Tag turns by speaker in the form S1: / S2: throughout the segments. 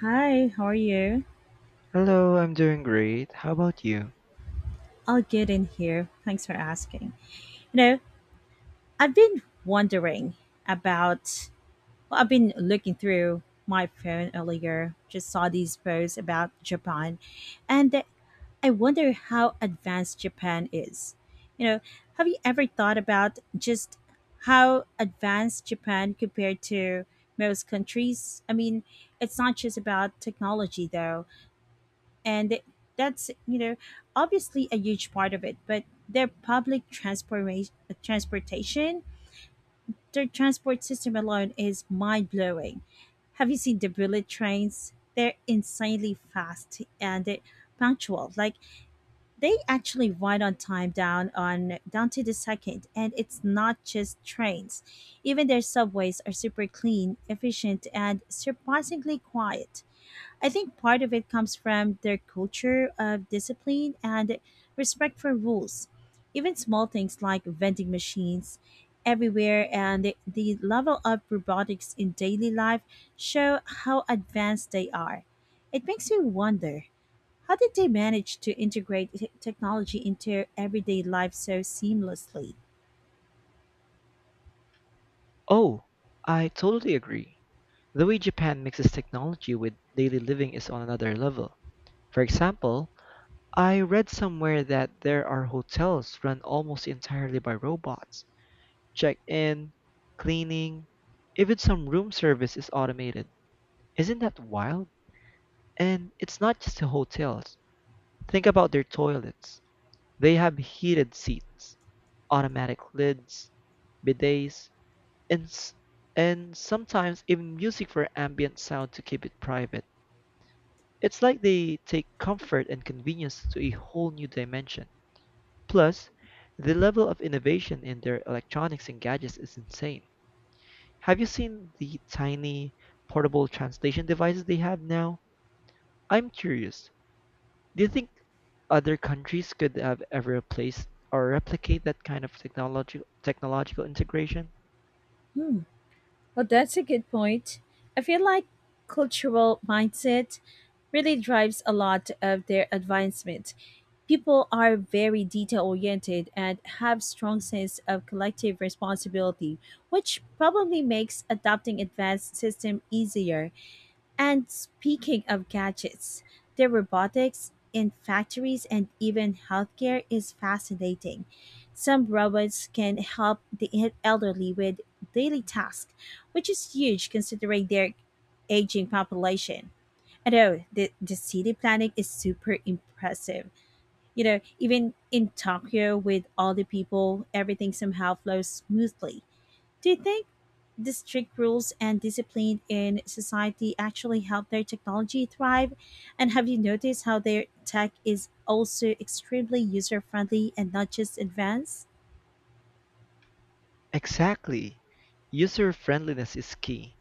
S1: Hi, how are you?
S2: Hello, I'm doing great. How about you?
S1: I'll get in here. Thanks for asking. You know, I've been wondering about, well, I've been looking through my phone earlier, just saw these posts about Japan, and I wonder how advanced Japan is. You know, have you ever thought about just how advanced Japan compared to most countries? I mean, it's not just about technology, though, and that's, you know, obviously a huge part of it, but their public transportation, their transport system alone is mind-blowing. Have you seen the bullet trains? They're insanely fast and punctual, like they actually ride on time down to the second. And it's not just trains, even their subways are super clean, efficient, and surprisingly quiet. I think part of it comes from their culture of discipline and respect for rules. Even small things like vending machines everywhere and the level of robotics in daily life show how advanced they are. It makes me wonder, how did they manage to integrate technology into everyday life so seamlessly?
S2: Oh, I totally agree. The way Japan mixes technology with daily living is on another level. For example, I read somewhere that there are hotels run almost entirely by robots. Check-in, cleaning, even some room service is automated. Isn't that wild? And it's not just the hotels. Think about their toilets. They have heated seats, automatic lids, bidets, and s- and sometimes even music for ambient sound to keep it private. It's like they take comfort and convenience to a whole new dimension. Plus, the level of innovation in their electronics and gadgets is insane. Have you seen the tiny portable translation devices they have now? I'm curious. Do you think other countries could have ever replaced or replicate that kind of technological integration?
S1: Hmm. Well, that's a good point. I feel like cultural mindset really drives a lot of their advancement. People are very detail oriented and have strong sense of collective responsibility, which probably makes adopting advanced system easier. And speaking of gadgets, the robotics in factories and even healthcare is fascinating. Some robots can help the elderly with daily tasks, which is huge considering their aging population. Although the city planning is super impressive. You know, even in Tokyo, with all the people, everything somehow flows smoothly. Do you think the strict rules and discipline in society actually help their technology thrive? And have you noticed how their tech is also extremely user friendly and not just advanced?
S2: Exactly. User friendliness is key.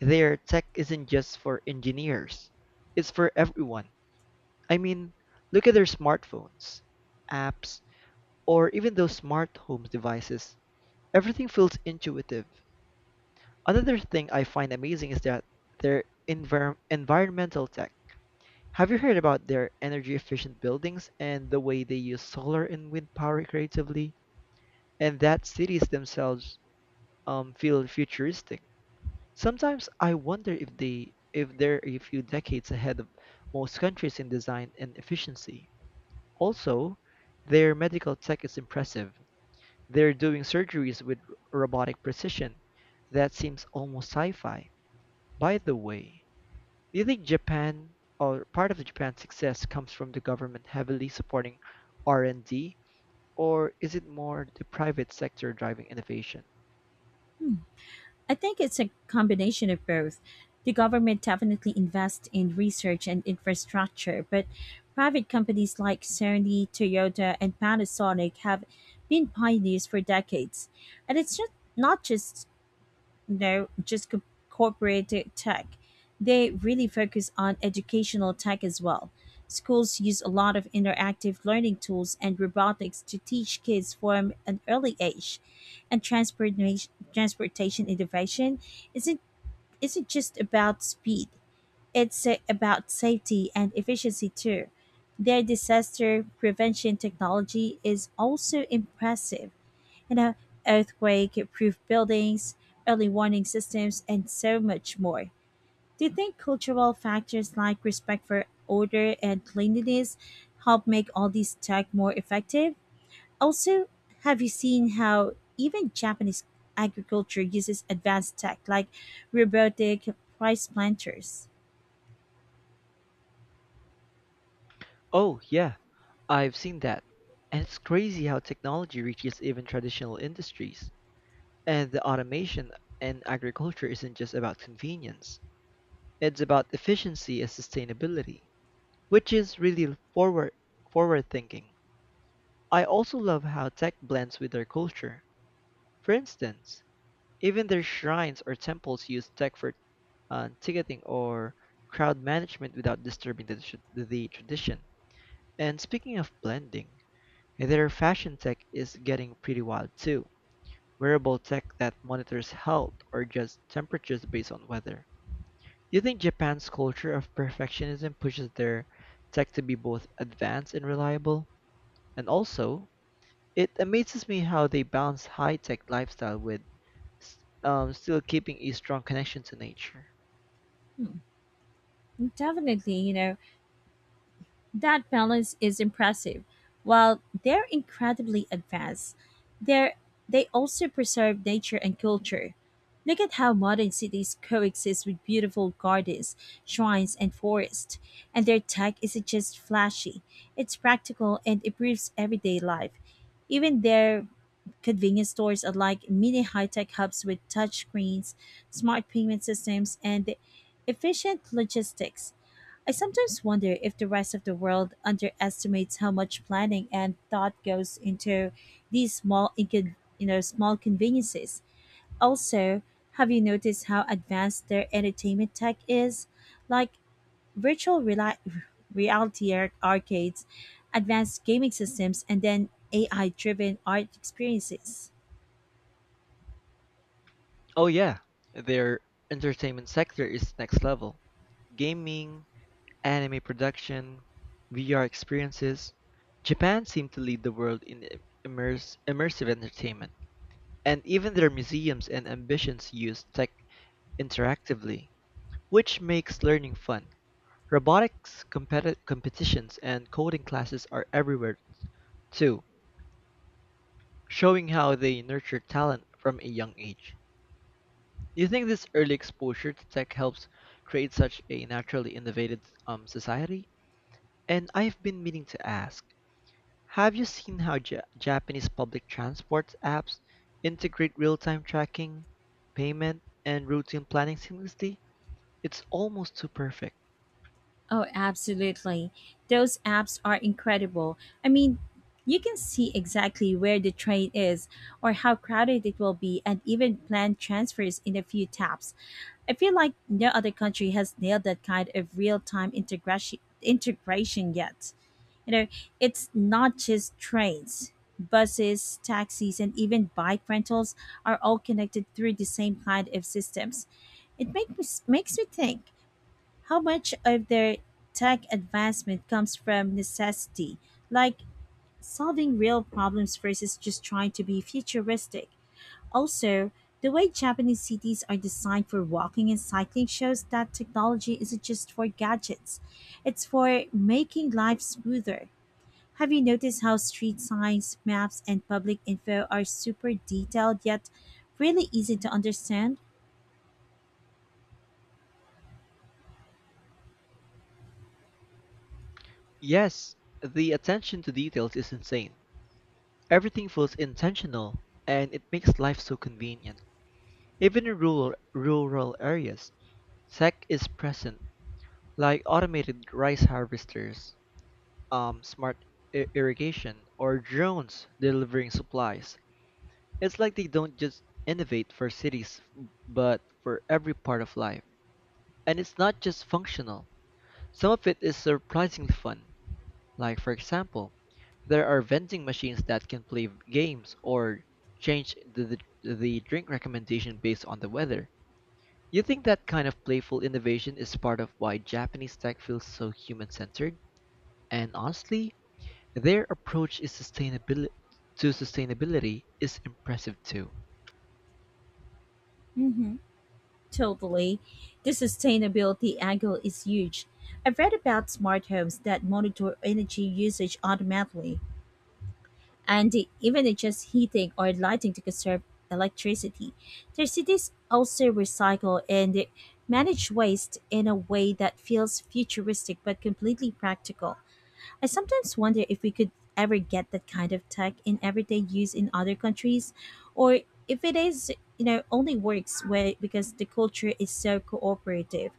S2: Their tech isn't just for engineers, it's for everyone. I mean, look at their smartphones, apps, or even those smart home devices. Everything feels intuitive. Another thing I find amazing is that environmental tech. Have you heard about their energy efficient buildings and the way they use solar and wind power creatively? And that cities themselves feel futuristic. Sometimes I wonder if they're a few decades ahead of most countries in design and efficiency. Also, their medical tech is impressive. They're doing surgeries with robotic precision. That seems almost sci-fi. By the way, do you think Japan or part of Japan's success comes from the government heavily supporting R&D, or is it more the private sector driving innovation?
S1: Hmm. I think it's a combination of both. The government definitely invests in research and infrastructure, but private companies like Sony, Toyota, and Panasonic have been pioneers for decades. And it's just not just, no, just corporate tech. They really focus on educational tech as well. Schools use a lot of interactive learning tools and robotics to teach kids from an early age. And transportation innovation isn't, isn't just about speed, it's about safety and efficiency too. Their disaster prevention technology is also impressive, you know, earthquake-proof buildings, early warning systems, and so much more. Do you think cultural factors like respect for order and cleanliness help make all these tech more effective? Also, have you seen how even Japanese agriculture uses advanced tech like robotic rice planters?
S2: Oh, yeah, I've seen that. And it's crazy how technology reaches even traditional industries. And the automation in agriculture isn't just about convenience, it's about efficiency and sustainability, which is really forward thinking. I also love how tech blends with their culture. For instance, even their shrines or temples use tech for ticketing or crowd management without disturbing the tradition. And speaking of blending, and their fashion tech is getting pretty wild too. Wearable tech that monitors health or just temperatures based on weather. Do you think Japan's culture of perfectionism pushes their tech to be both advanced and reliable? And also, it amazes me how they balance high tech lifestyle with s- still keeping a strong connection to nature.
S1: Definitely, that balance is impressive. While they're incredibly advanced, they're, they also preserve nature and culture. Look at how modern cities coexist with beautiful gardens, shrines, and forests. And their tech isn't just flashy, it's practical and improves everyday life. Even their convenience stores are like mini high tech hubs with touchscreens, smart payment systems, and efficient logistics. I sometimes wonder if the rest of the world underestimates how much planning and thought goes into these small small conveniences. Also, have you noticed how advanced their entertainment tech is? Like virtual reality arcades, advanced gaming systems, and then AI driven art experiences.
S2: Oh yeah, their entertainment sector is next level. Gaming, anime production, VR experiences. Japan seemed to lead the world in immersive entertainment, and even their museums and ambitions use tech interactively, which makes learning fun. Robotics competitions and coding classes are everywhere too, showing how they nurture talent from a young age. Do you think this early exposure to tech helps create such a naturally innovative society? And I've been meaning to ask, have you seen how Japanese public transport apps integrate real-time tracking, payment, and routine planning seamlessly? It's almost too perfect.
S1: Oh, absolutely. Those apps are incredible. I mean, you can see exactly where the train is or how crowded it will be and even plan transfers in a few taps. I feel like no other country has nailed that kind of real-time integration yet. You know, it's not just trains. Buses, taxis, and even bike rentals are all connected through the same kind of systems. It makes me think, how much of their tech advancement comes from necessity, like solving real problems versus just trying to be futuristic? Also, the way Japanese cities are designed for walking and cycling shows that technology isn't just for gadgets, it's for making life smoother. Have you noticed how street signs, maps, and public info are super detailed yet really easy to understand?
S2: Yes, the attention to details is insane. Everything feels intentional, and it makes life so convenient. Even in rural areas, tech is present, like automated rice harvesters, smart irrigation, or drones delivering supplies. It's like they don't just innovate for cities, but for every part of life. And it's not just functional. Some of it is surprisingly fun. Like, for example, there are vending machines that can play games or change the drink recommendation based on the weather. You think that kind of playful innovation is part of why Japanese tech feels so human centered? And honestly, their approach to sustainability is impressive too.
S1: Mhm. Totally. The sustainability angle is huge. I've read about smart homes that monitor energy usage automatically, and they even adjust heating or lighting to conserve electricity. Their cities also recycle and manage waste in a way that feels futuristic but completely practical. I sometimes wonder if we could ever get that kind of tech in everyday use in other countries, or if it is, you know, only works where, because the culture is so cooperative.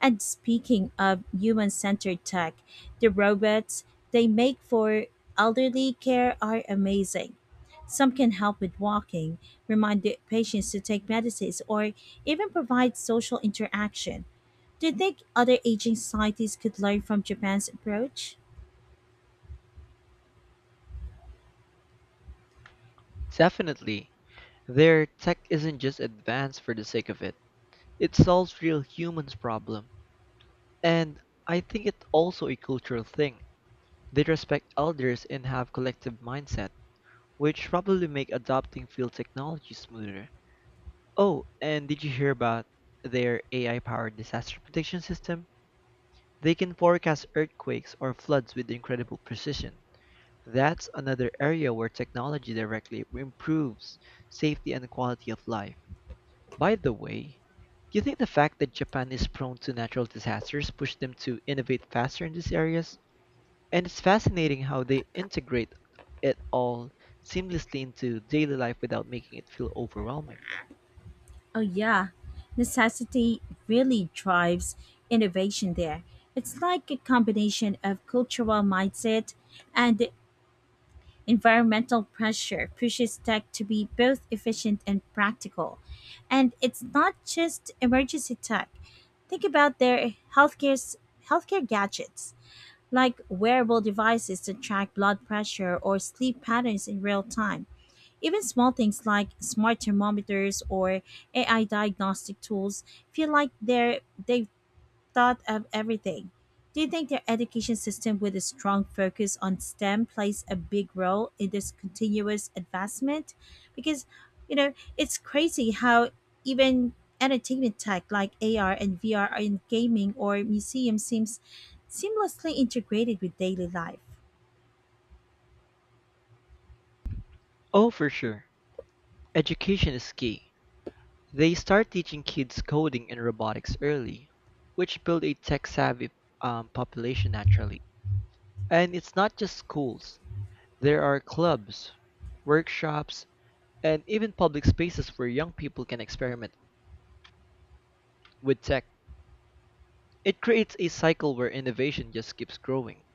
S1: And speaking of human centered tech, the robots they make for elderly care are amazing. Some can help with walking, remind the patients to take medicines, or even provide social interaction. Do you think other aging societies could learn from Japan's approach?
S2: Definitely, their tech isn't just advanced for the sake of it. It solves real humans problem. And I think it's also a cultural thing. They respect elders and have collective mindset, which probably make adopting field technology smoother. Oh, and did you hear about their AI-powered disaster prediction system? They can forecast earthquakes or floods with incredible precision. That's another area where technology directly improves safety and quality of life. By the way, do you think the fact that Japan is prone to natural disasters pushed them to innovate faster in these areas? And it's fascinating how they integrate it all seamlessly into daily life without making it feel overwhelming.
S1: Oh, yeah. Necessity really drives innovation there. It's like a combination of cultural mindset and environmental pressure pushes tech to be both efficient and practical. And it's not just emergency tech. Think about their healthcare gadgets, like wearable devices that track blood pressure or sleep patterns in real time. Even small things like smart thermometers or AI diagnostic tools feel like they've thought of everything. Do you think their education system, with a strong focus on STEM, plays a big role in this continuous advancement? Because, you know, it's crazy how even entertainment tech like AR and VR and gaming or museums seems seamlessly integrated with daily life.
S2: Oh, for sure. Education is key. They start teaching kids coding and robotics early, which build a tech-savvy population naturally. And it's not just schools. There are clubs, workshops, and even public spaces where young people can experiment with tech. It creates a cycle where innovation just keeps growing.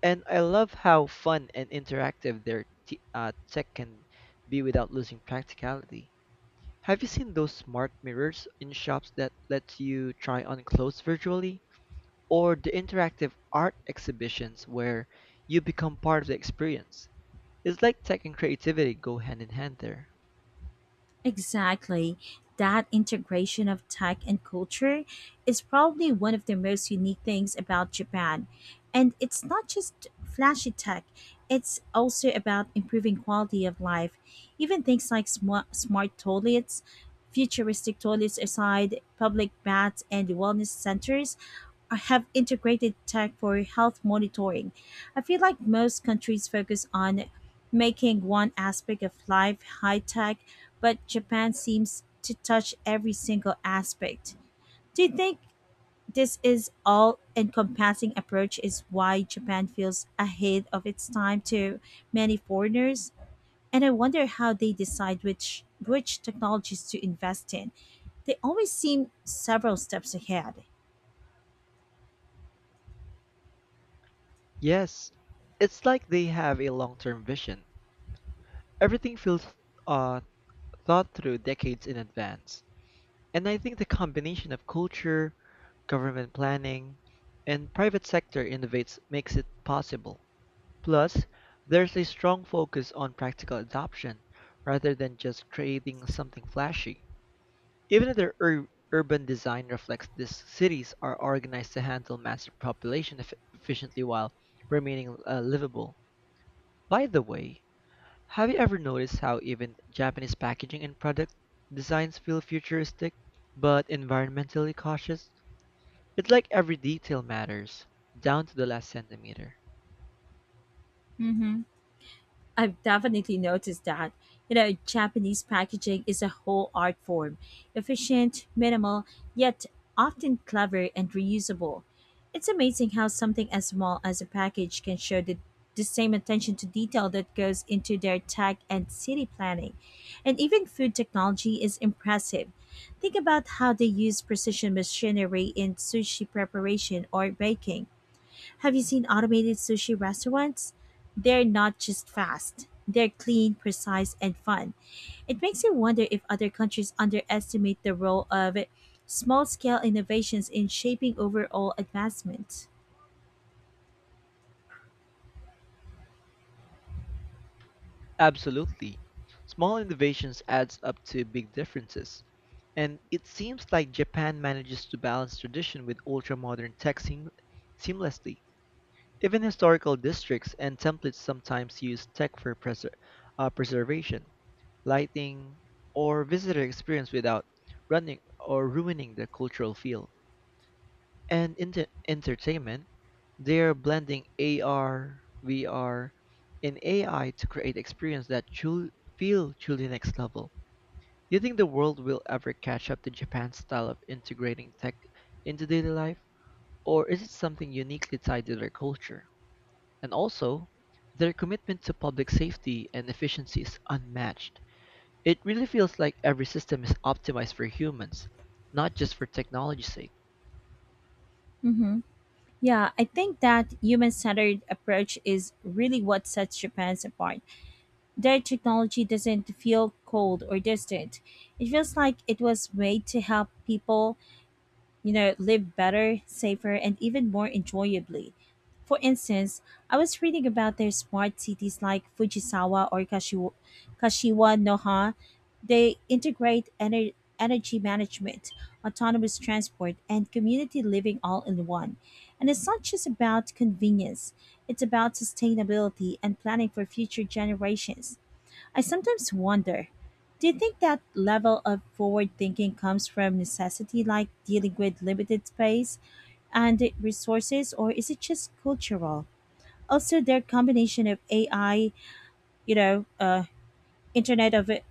S2: And I love how fun and interactive their tech can be without losing practicality. Have you seen those smart mirrors in shops that let you try on clothes virtually? Or the interactive art exhibitions where you become part of the experience? It's like tech and creativity go hand in hand there.
S1: Exactly. That integration of tech and culture is probably one of the most unique things about Japan. And it's not just flashy tech, it's also about improving quality of life. Even things like smart toilets, futuristic toilets aside, public baths, and wellness centers are- have integrated tech for health monitoring. I feel like most countries focus on making one aspect of life high tech, but Japan seems to touch every single aspect. Do you think this is all encompassing approach is why Japan feels ahead of its time to many foreigners? And I wonder how they decide which technologies to invest in. They always seem several steps ahead.
S2: Yes, it's like they have a long term vision. Everything feels uh, thought through decades in advance. And I think the combination of culture, government planning, and private sector innovates makes it possible. Plus, there's a strong focus on practical adoption rather than just creating something flashy. Even if their urban design reflects this. Cities are organized to handle massive population efficiently while remaining livable. By the way, have you ever noticed how even Japanese packaging and product designs feel futuristic but environmentally cautious? It's like every detail matters, down to the last centimeter.
S1: Mm-hmm. I've definitely noticed that. You know, Japanese packaging is a whole art form. Efficient, minimal, yet often clever and reusable. It's amazing how something as small as a package can show the same attention to detail that goes into their tech and city planning. And even food technology is impressive. Think about how they use precision machinery in sushi preparation or baking. Have you seen automated sushi restaurants? They're not just fast. They're clean, precise, and fun. It makes you wonder if other countries underestimate the role of small scale innovations in shaping overall advancement.
S2: Absolutely. Small innovations adds up to big differences. And it seems like Japan manages to balance tradition with ultra-modern tech seamlessly. Even historical districts and templates sometimes use tech for preservation, lighting, or visitor experience without running or ruining the cultural feel and entertainment, they are blending AR, VR, and AI to create experience that feel truly next level. Do you think the world will ever catch up to Japan's style of integrating tech into daily life, or is it something uniquely tied to their culture? And also, their commitment to public safety and efficiency is unmatched. It really feels like every system is optimized for humans, not just for technology's sake.
S1: Mm-hmm. Yeah, I think that human centered approach is really what sets Japan's apart. Their technology doesn't feel cold or distant, it feels like it was made to help people, you know, live better, safer, and even more enjoyably. For instance, I was reading about their smart cities like Fujisawa or Kashiwa Noha. They integrate energy management, autonomous transport, and community living all in one. And it's not just about convenience, it's about sustainability and planning for future generations. I sometimes wonder, do you think that level of forward thinking comes from necessity, like dealing with limited space and resources, or is it just cultural? Also, their combination of AI, you know, uh, Internet of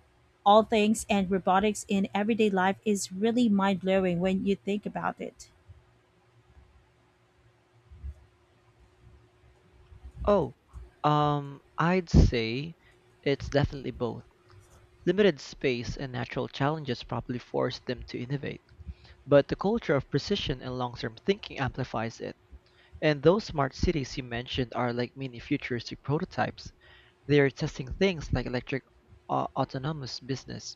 S1: all things, and robotics in everyday life is really mind blowing when you think about it.
S2: Oh, I'd say it's definitely both. Limited space and natural challenges probably forced them to innovate, but the culture of precision and long-term thinking amplifies it. And those smart cities you mentioned are like mini futuristic prototypes. They are testing things like electric autonomous business,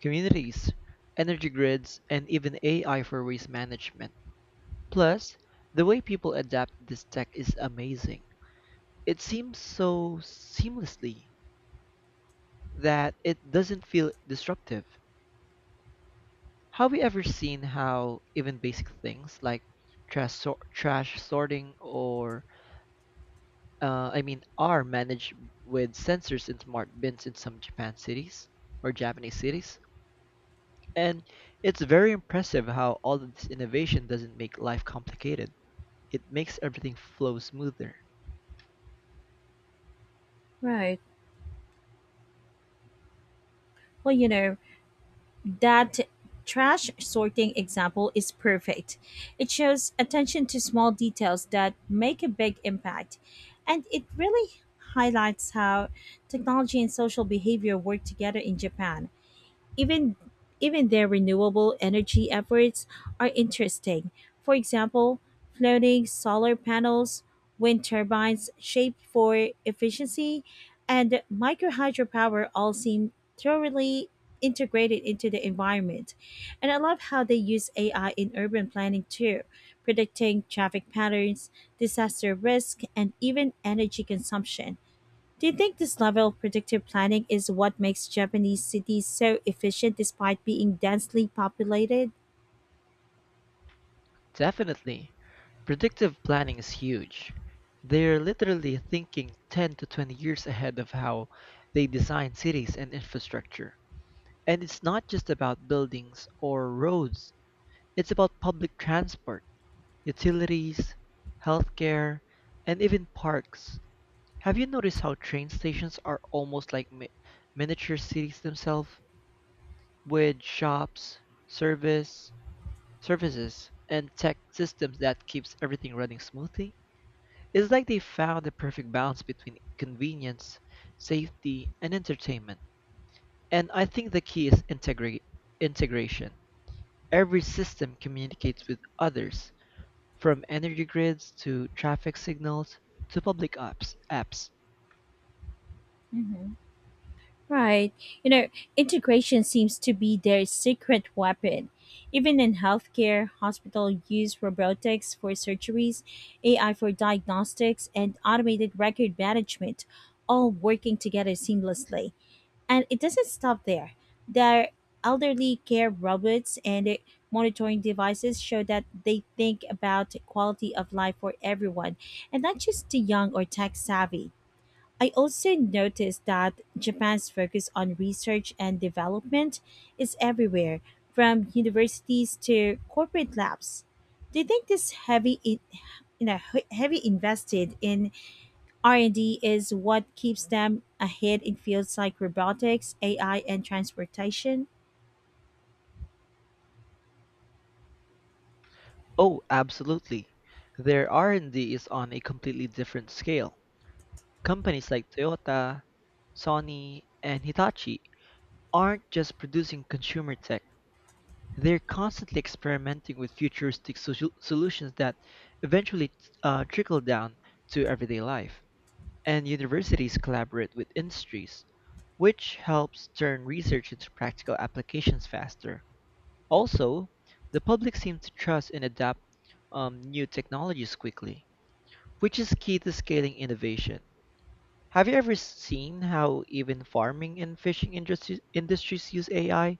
S2: communities, energy grids, and even AI for waste management. Plus, the way people adapt this tech is amazing. It seems so seamlessly that it doesn't feel disruptive. Have you ever seen how even basic things like trash sorting are managed with sensors in smart bins in some Japan cities or Japanese cities? And it's very impressive how all of this innovation doesn't make life complicated. It makes everything flow smoother.
S1: Right. Well, that trash sorting example is perfect. It shows attention to small details that make a big impact. And it really highlights how technology and social behavior work together in Japan. Even even their renewable energy efforts are interesting. For example, floating solar panels, wind turbines shaped for efficiency, and micro hydropower all seem thoroughly integrated into the environment. And I love how they use AI in urban planning too, predicting traffic patterns, disaster risk, and even energy consumption. Do you think this level of predictive planning is what makes Japanese cities so efficient despite being densely populated?
S2: Definitely, predictive planning is huge. They're literally thinking 10 to 20 years ahead of how they design cities and infrastructure. And it's not just about buildings or roads, it's about public transport, utilities, healthcare, and even parks. Have you noticed how train stations are almost like miniature cities themselves with shops, service, services, and tech systems that keeps everything running smoothly? It's like they found the perfect balance between convenience, safety, and entertainment. And I think the key is integration. Every system communicates with others, from energy grids to traffic signals to public apps.
S1: Hmm. Right. You know, integration seems to be their secret weapon. Even in healthcare, hospital use robotics for surgeries, AI for diagnostics, and automated record management, all working together seamlessly. And it doesn't stop there. Their elderly care robots and their monitoring devices show that they think about quality of life for everyone and not just the young or tech savvy. I also noticed that Japan's focus on research and development is everywhere, from universities to corporate labs. Do you think this heavy, in- you know, he- heavy invested in R&D is what keeps them ahead in fields like robotics, AI, and transportation?
S2: Oh, absolutely. Their R&D is on a completely different scale. Companies like Toyota, Sony, and Hitachi aren't just producing consumer tech. They're constantly experimenting with futuristic solutions that eventually trickle down to everyday life. And universities collaborate with industries, which helps turn research into practical applications faster. Also, the public seems to trust and adapt new technologies quickly, which is key to scaling innovation. Have you ever seen how even farming and fishing industries use AI?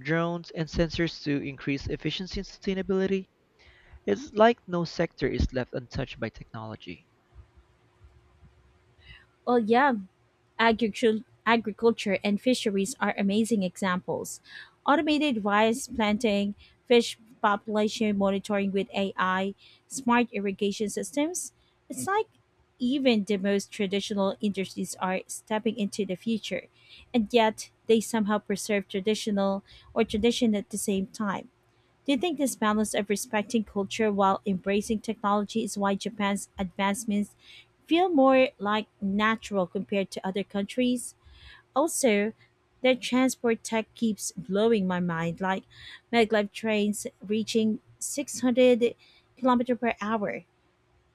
S2: Drones, and sensors to increase efficiency and sustainability, it's like no sector is left untouched by technology.
S1: Well, yeah, agriculture and fisheries are amazing examples. Automated rice planting, fish population monitoring with AI, smart irrigation systems. It's like even the most traditional industries are stepping into the future, and yet they somehow preserve traditional or tradition at the same time. Do you think this balance of respecting culture while embracing technology is why Japan's advancements feel more like natural compared to other countries? Also, their transport tech keeps blowing my mind, like maglev trains reaching 600 kilometer per hour.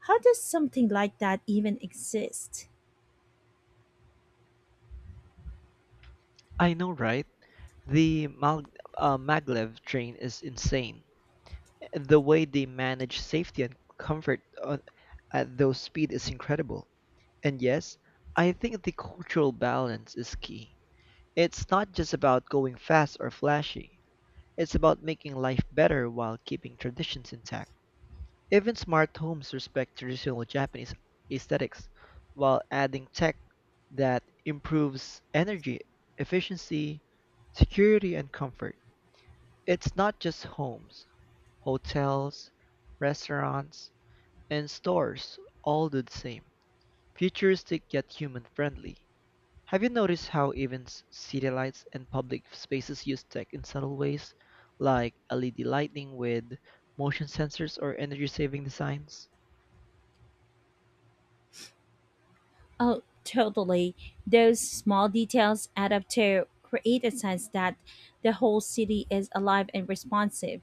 S1: How does something like that even exist?
S2: I know, right? The maglev train is insane. The way they manage safety and comfort at those speed is incredible. And yes, I think the cultural balance is key. It's not just about going fast or flashy. It's about making life better while keeping traditions intact. Even smart homes respect traditional Japanese aesthetics while adding tech that improves energy efficiency, security, and comfort. It's not just homes, hotels, restaurants, and stores all do the same. Futuristic yet human friendly. Have you noticed how even city lights and public spaces use tech in subtle ways, like LED lighting with motion sensors or energy saving designs?
S1: Oh, totally. Those small details add up to create a sense that the whole city is alive and responsive.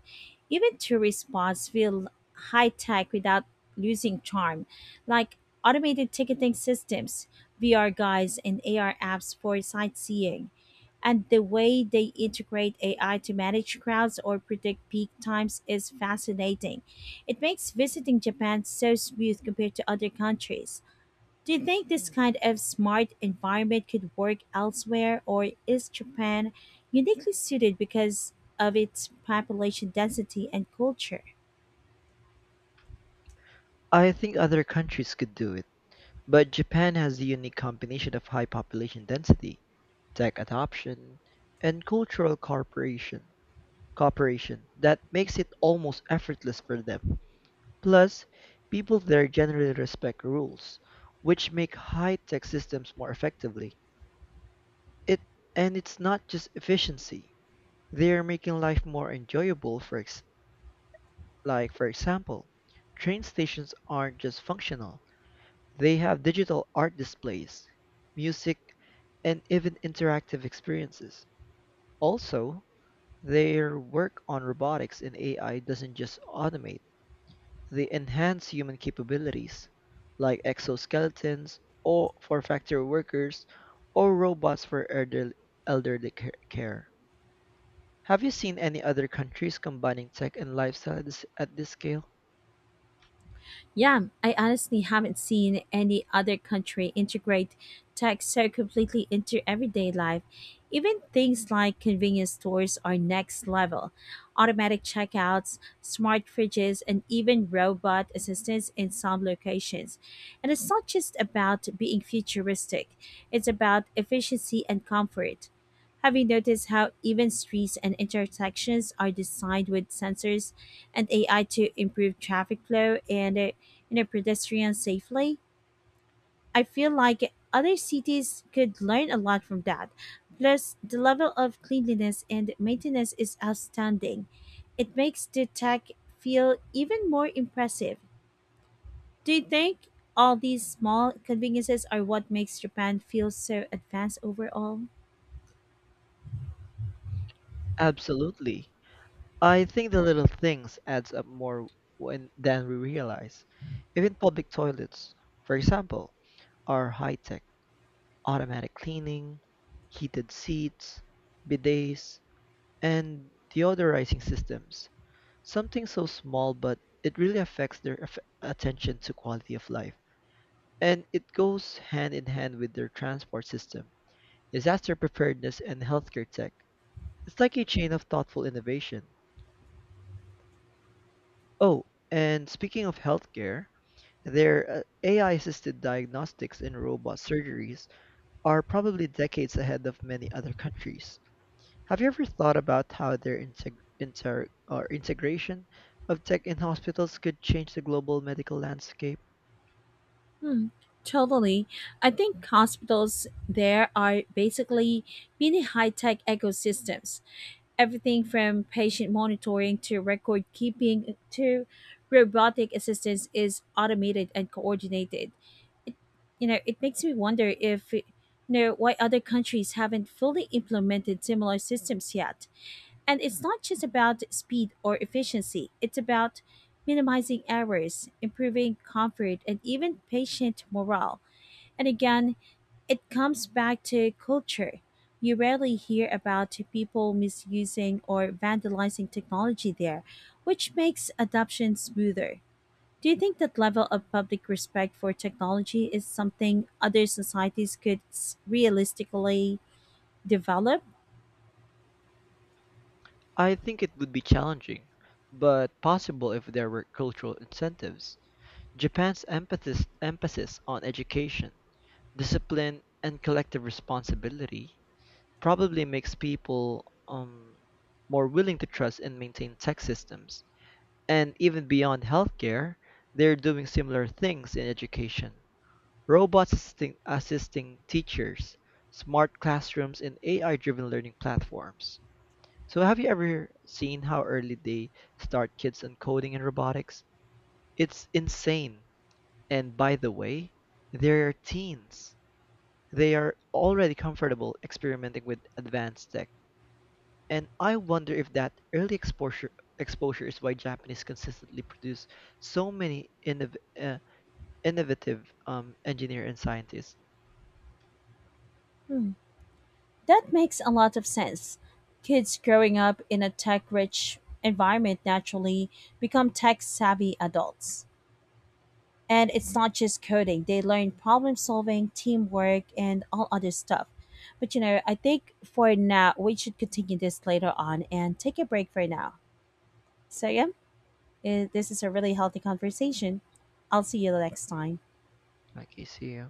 S1: Even tourist spots feel high tech without losing charm, like automated ticketing systems, VR guides, and AR apps for sightseeing. And the way they integrate AI to manage crowds or predict peak times is fascinating. It makes visiting Japan so smooth compared to other countries. Do you think this kind of smart environment could work elsewhere, or is Japan uniquely suited because of its population density and culture?
S2: I think other countries could do it, but Japan has a unique combination of high population density, tech adoption, and cultural cooperation that makes it almost effortless for them. Plus, people there generally respect rules, which make high-tech systems more effectively. It and it's not just efficiency. They are making life more enjoyable like for example, train stations aren't just functional. They have digital art displays, music, and even interactive experiences. Also, their work on robotics and AI doesn't just automate, they enhance human capabilities, like exoskeletons or for factory workers or robots for elderly care. Have you seen any other countries combining tech and lifestyle at this scale?
S1: Yeah, I honestly haven't seen any other country integrate tech so completely into everyday life. Even things like convenience stores are next level. Automatic checkouts, smart fridges, and even robot assistants in some locations. And it's not just about being futuristic, it's about efficiency and comfort. Have you noticed how even streets and intersections are designed with sensors and AI to improve traffic flow and you know, pedestrian safely? I feel like other cities could learn a lot from that. Plus, the level of cleanliness and maintenance is outstanding. It makes the tech feel even more impressive. Do you think all these small conveniences are what makes Japan feel so advanced overall?
S2: Absolutely. I think the little things adds up more when, than we realize. Even public toilets, for example, are high-tech. Automatic cleaning, heated seats, bidets, and deodorizing systems. Something so small, but it really affects their attention to quality of life. And it goes hand in hand with their transport system, disaster preparedness, and healthcare tech. It's like a chain of thoughtful innovation. Oh, and speaking of healthcare, their AI-assisted diagnostics and robot surgeries are probably decades ahead of many other countries. Have you ever thought about how their integ- inter- or integration of tech in hospitals could change the global medical landscape?
S1: Hmm, totally. I think hospitals there are basically mini high tech ecosystems. Everything from patient monitoring to record keeping to robotic assistance is automated and coordinated. It, it makes me wonder if, why other countries haven't fully implemented similar systems yet. And it's not just about speed or efficiency, it's about minimizing errors, improving comfort, and even patient morale. And again, it comes back to culture. You rarely hear about people misusing or vandalizing technology there, which makes adoption smoother. Do you think that level of public respect for technology is something other societies could realistically develop?
S2: I think it would be challenging, but possible if there were cultural incentives. Japan's emphasis on education, discipline, and collective responsibility probably makes people more willing to trust and maintain tech systems. And even beyond healthcare, they're doing similar things in education. Assisting teachers, smart classrooms, and AI driven learning platforms. So, have you ever seen how early they start kids on coding and robotics? It's insane. And by the way, they're teens. They are already comfortable experimenting with advanced tech. And I wonder if that early exposure is why Japanese consistently produce so many innovative engineer and scientists.
S1: Hmm. That makes a lot of sense. Kids growing up in a tech rich environment naturally become tech savvy adults. And it's not just coding, they learn problem solving, teamwork, and all other stuff. But I think for now, we should continue this later on and take a break for now. So, yeah, this is a really healthy conversation. I'll see you next time.
S2: Like you see,